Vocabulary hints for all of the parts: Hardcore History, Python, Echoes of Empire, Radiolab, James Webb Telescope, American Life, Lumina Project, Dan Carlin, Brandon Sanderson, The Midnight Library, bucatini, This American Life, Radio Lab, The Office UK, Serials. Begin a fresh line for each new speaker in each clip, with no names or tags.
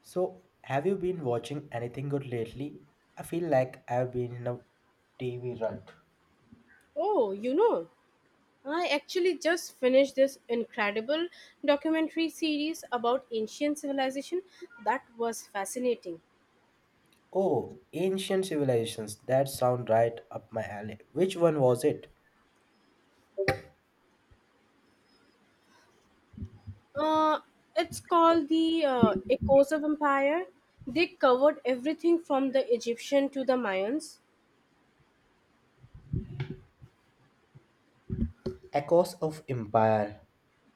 So, have you been watching anything good lately? I feel like I've been in a TV rut.
Oh, you know, I actually just finished this incredible documentary series about ancient civilization that was fascinating.
Oh, Ancient Civilizations. That sound right up my alley. Which one was it?
Uh, it's called the Echoes of Empire. They covered everything from the Egyptian to the Mayans.
Echoes of Empire.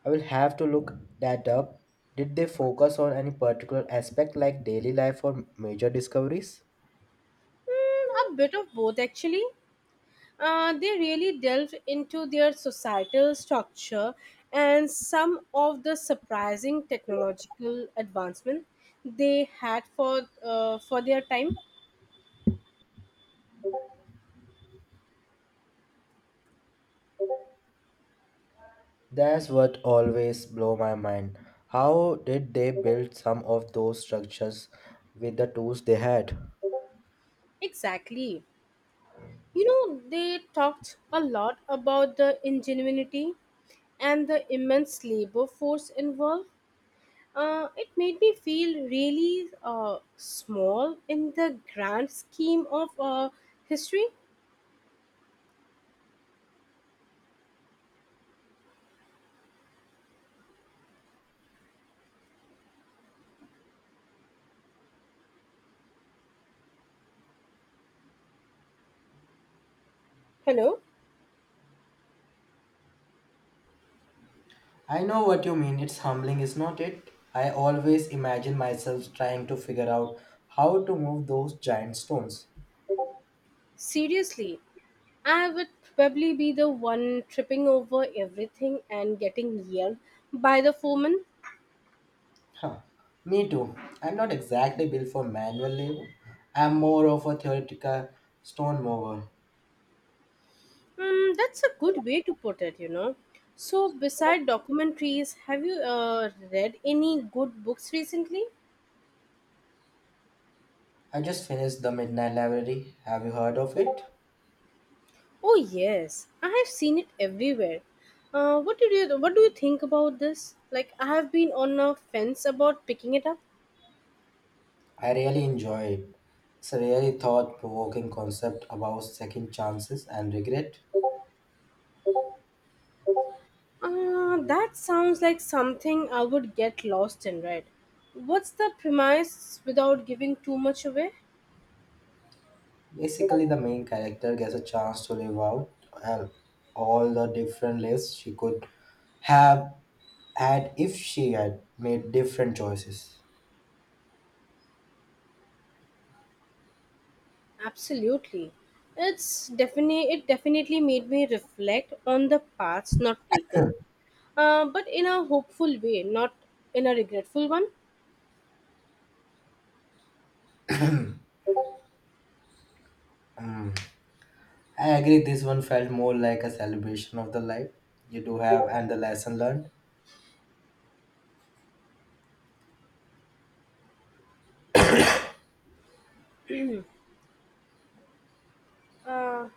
I will have to look that up. Did they focus on any particular aspect like daily life or major discoveries?
Mm, a bit of both, actually. They really delved into their societal structure and some of the surprising technological advancement they had for their time.
That's what always blow my mind. How did they build some of those structures with the tools they had?
Exactly. You know, they talked a lot about the ingenuity and the immense labor force involved. It made me feel really small in the grand scheme of history. Hello?
I know what you mean. It's humbling, is not it? I always imagine myself trying to figure out how to move those giant stones.
Seriously, I would probably be the one tripping over everything and getting yelled by the foreman.
Huh. Me too. I'm not exactly built for manual labor. I'm more of a theoretical stone mover.
Mm, that's a good way to put it, you know. So, beside documentaries, have you read any good books recently?
I just finished The Midnight Library. Have you heard of it?
Oh yes, I have seen it everywhere. What do you think about this? Like, I have been on a fence about picking it up.
I really enjoy it. It's a really thought provoking concept about second chances and regret.
Uh, That sounds like something I would get lost in, right? What's the premise without giving too much away?
Basically, the main character gets a chance to live out uh, all the different lives she could have had if she had made different choices.
Absolutely. It definitely made me reflect on the paths not taken, but in a hopeful way, not in a regretful one.
Mm, I agree, this one felt more like a celebration of the life you do have and the lesson learned.
Uh,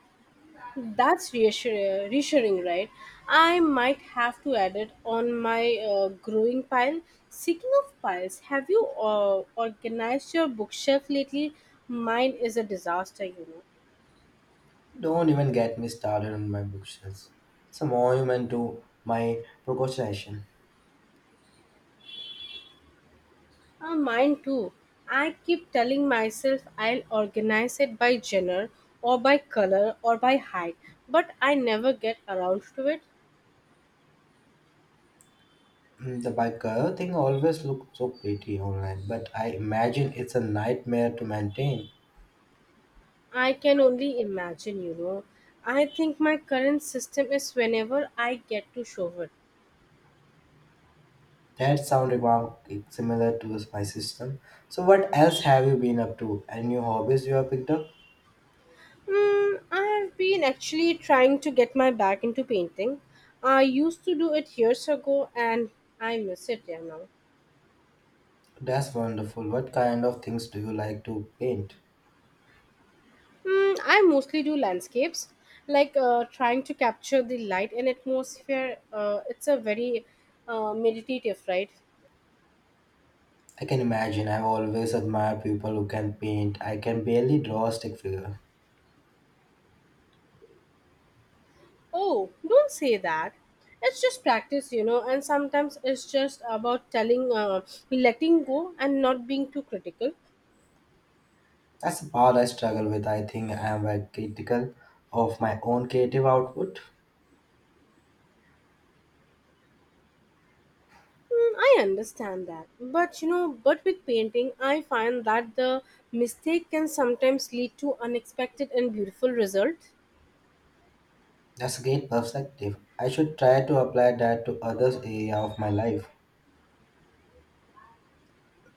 that's reassuring, right? I might have to add it on my growing pile. Speaking of piles, have you organized your bookshelf lately? Mine is a disaster, you know.
Don't even get me started on my bookshelves. It's a monument to my procrastination.
Ah, mine too. I keep telling myself I'll organize it by gender or by color or by height, but I never get around to it.
Mm, the biker thing always looks so pretty online, but I imagine it's a nightmare to maintain.
I can only imagine, you know. I think my current system is whenever I get to show it.
That sound remark is similar to my system. So what else have you been up to? Any new hobbies you have picked up?
Mm, I have been actually trying to get my back into painting. I used to do it years ago and I miss it, yeah, now.
That's wonderful. What kind of things do you like to paint?
Mm, I mostly do landscapes, like trying to capture the light and atmosphere. It's a very meditative, right?
I can imagine. I've always admired people who can paint. I can barely draw a stick figure.
Oh, don't say that. It's just practice, you know, and sometimes it's just about letting go and not being too critical.
That's the part I struggle with. I think I am very critical of my own creative output.
Mm, I understand that. But, you know, but with painting, I find that the mistake can sometimes lead to unexpected and beautiful results.
That's a great perspective. I should try to apply that to other area of my life.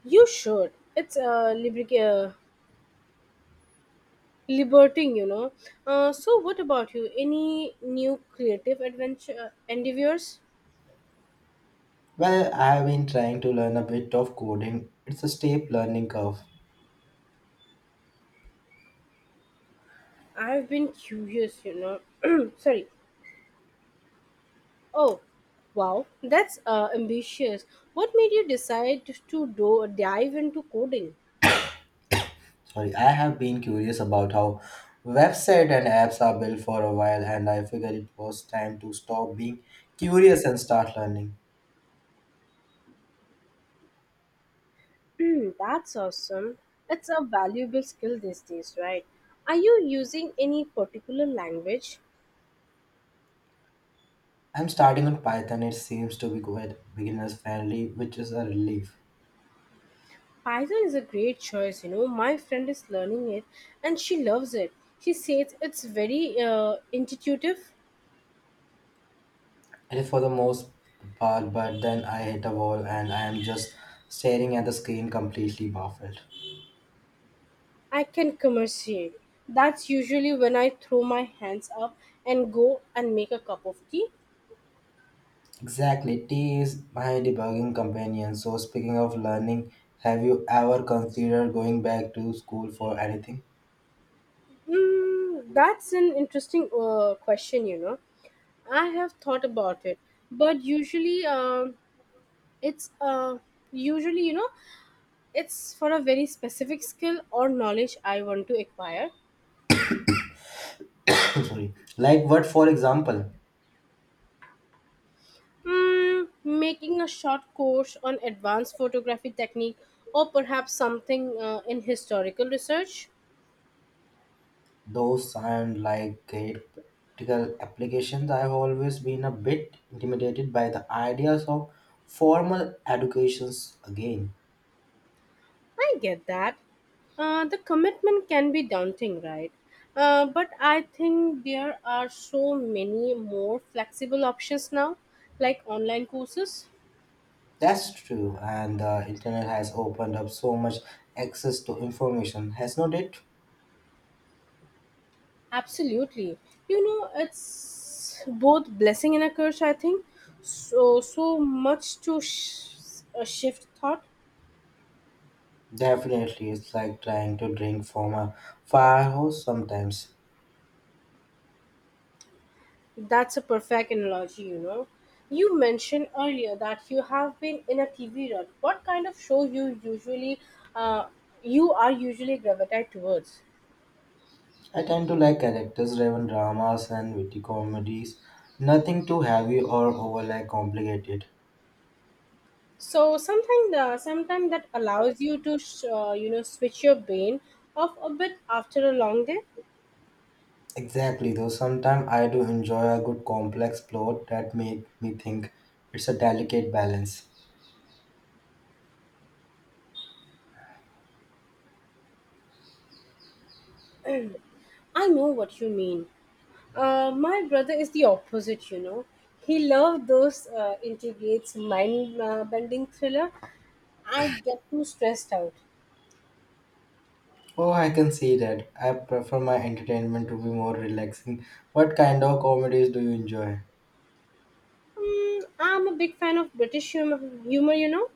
You should. It's lubricating. Liberating, you know. So what about you? Any new creative adventure, endeavors?
Well, I have been trying to learn a bit of coding. It's a steep learning curve.
I've been curious, you know. Sorry. Oh, wow, that's ambitious. What made you decide to do dive into coding?
Sorry, I have been curious about how website and apps are built for a while, and I figured it was time to stop being curious and start learning.
Hmm, that's awesome. It's a valuable skill these days, right? Are you using any particular language?
I'm starting on Python. It seems to be quite beginners friendly, which is a relief.
Python is a great choice, you know. My friend is learning it and she loves it. She says it's very intuitive.
And for the most part, but then I hit a wall and I am just staring at the screen completely baffled.
I can commerciate. That's usually when I throw my hands up and go and make a cup of tea.
Exactly. T is my debugging companion. So speaking of learning, have you ever considered going back to school for anything?
Mm, that's an interesting question, you know. I have thought about it, but usually it's usually, you know, it's for a very specific skill or knowledge I want to acquire.
Sorry. Like what, for example,
Mm, making a short course on advanced photography technique or perhaps something in historical research.
those and like great practical applications. I have always been a bit intimidated by the ideas of formal educations again.
I get that. The commitment can be daunting, right? But I think there are so many more flexible options now, like online courses.
That's true, and the internet has opened up so much access to information, has not it?
Absolutely. You know, it's both blessing and a curse, I think. So much to shift thought.
Definitely, it's like trying to drink from a fire hose sometimes.
That's a perfect analogy, you know. You mentioned earlier that you have been in a TV rut. What kind of show you usually, uh, you are usually gravitate towards?
I tend to like characters driven dramas and witty comedies, nothing too heavy or over like complicated.
So something, sometimes that allows you to, you know, switch your brain off a bit after a long day.
Exactly, though sometimes I do enjoy a good complex plot that made me think it's a delicate balance.
I know what you mean. My brother is the opposite, you know. He loved those integrates mind-bending thriller. I get too stressed out.
Oh, I can see that. I prefer my entertainment to be more relaxing. What kind of comedies do you enjoy?
Mm, I'm a big fan of British humor, humor, you know.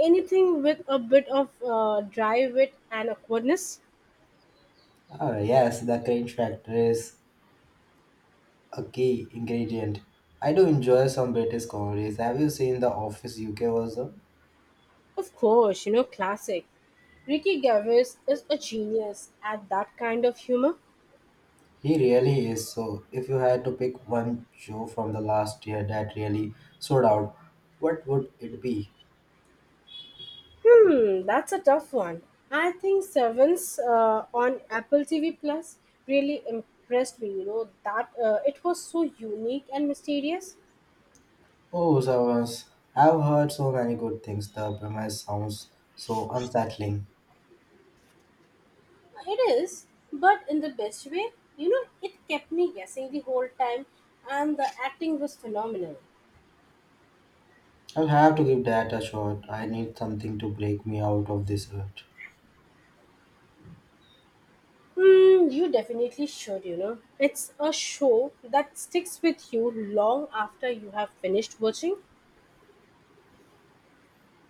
Anything with a bit of dry wit and awkwardness.
Ah, yes, the cringe factor is a key ingredient. I do enjoy some British comedies. Have you seen The Office UK version?
Of course, you know, classic. Ricky Gervais is a genius at that kind of humor.
He really is so. If you had to pick one show from the last year that really stood out, what would it be?
Hmm, that's a tough one. I think Servants on Apple TV Plus really impressed me, you know, that it was so unique and mysterious.
Oh, servers. I've heard so many good things. The premise sounds so unsettling.
It is, but in the best way. You know, it kept me guessing the whole time, and the acting was phenomenal.
I'll have to give that a shot. I need something to break me out of this rut.
Hmm, you definitely should, you know. It's a show that sticks with you long after you have finished watching.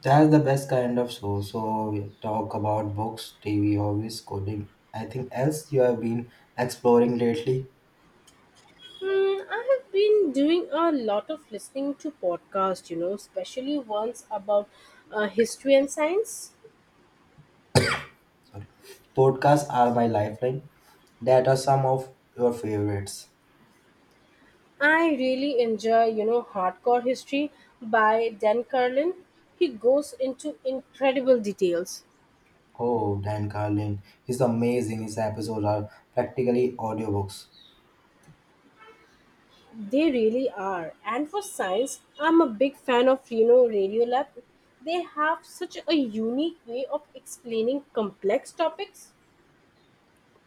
That's the best kind of show. So we talk about books, TV, hobbies, coding. I think else you have been exploring lately.
Hmm, I have been doing a lot of listening to podcasts, you know, especially ones about history and science.
Podcasts are my lifeline. That are some of your favorites.
I really enjoy, you know, Hardcore History by Dan Carlin. He goes into incredible details.
Oh, Dan Carlin. He's amazing. His episodes are practically audiobooks.
They really are. And for science, I'm a big fan of, you know, Radiolab. They have such a unique way of explaining complex topics.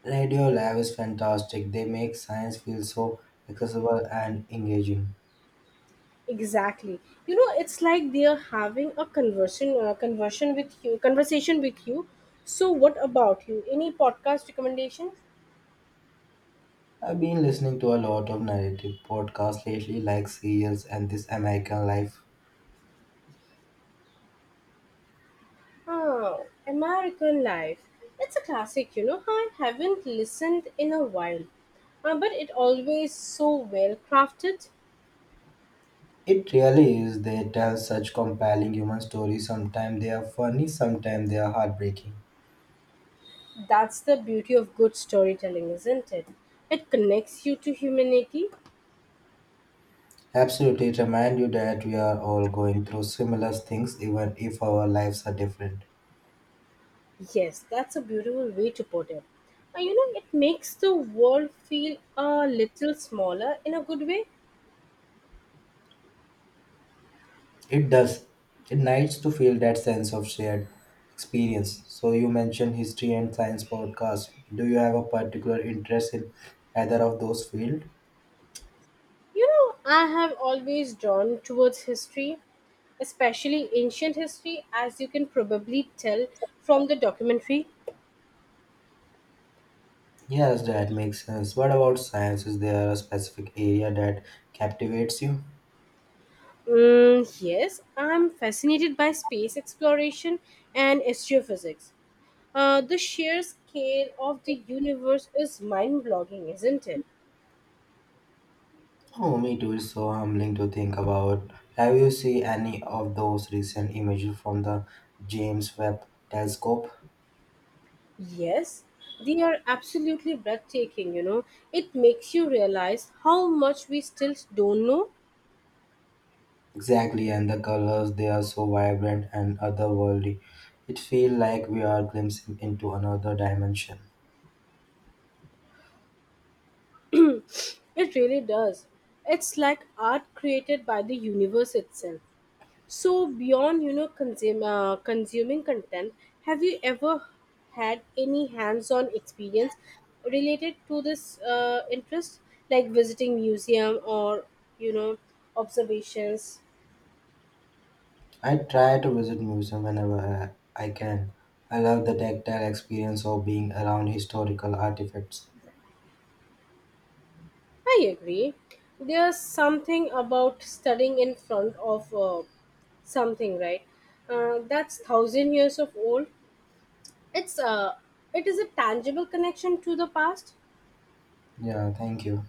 Radio Lab is fantastic. They make science feel so accessible and engaging.
Exactly. You know, it's like they are having a conversation with you. So, what about you? Any podcast recommendation?
I've been listening to a lot of narrative podcasts lately, like Serials and This American Life.
Oh, American Life. It's a classic, you know. I haven't listened in a while, but it always so well crafted.
It really is. They tell such compelling human stories. Sometimes they are funny, sometimes they are heartbreaking.
That's the beauty of good storytelling, isn't it? It connects you to humanity.
Absolutely, it reminds you that we are all going through similar things, even if our lives are different.
Yes, that's a beautiful way to put it. And you know, it makes the world feel a little smaller in a good way.
It does. It nice to feel that sense of shared experience. So you mentioned history and science podcast. Do you have a particular interest in either of those fields?
You know, I have always drawn towards history, especially ancient history, as you can probably tell from the documentary.
Yes, that makes sense. What about science? Is there a specific area that captivates you?
Mm, yes, I'm fascinated by space exploration and astrophysics. The sheer scale of the universe is mind blogging, isn't it?
Oh, me too. It's so humbling to think about. Have you seen any of those recent images from the James Webb Telescope?
Yes, they are absolutely breathtaking, you know. It makes you realize how much we still don't know.
Exactly, and the colors they are so vibrant and otherworldly. It feels like we are glimpsing into another dimension.
It really does. It's like art created by the universe itself. So beyond, you know, consuming content, have you ever had any hands-on experience related to this interest, like visiting museum or, you know, observations?
I try to visit museum whenever I can. I love the tactile experience of being around historical artifacts.
I agree. There's something about studying in front of something, right? That's thousand years of old. It's uh, it is a tangible connection to the past.
Yeah, thank you.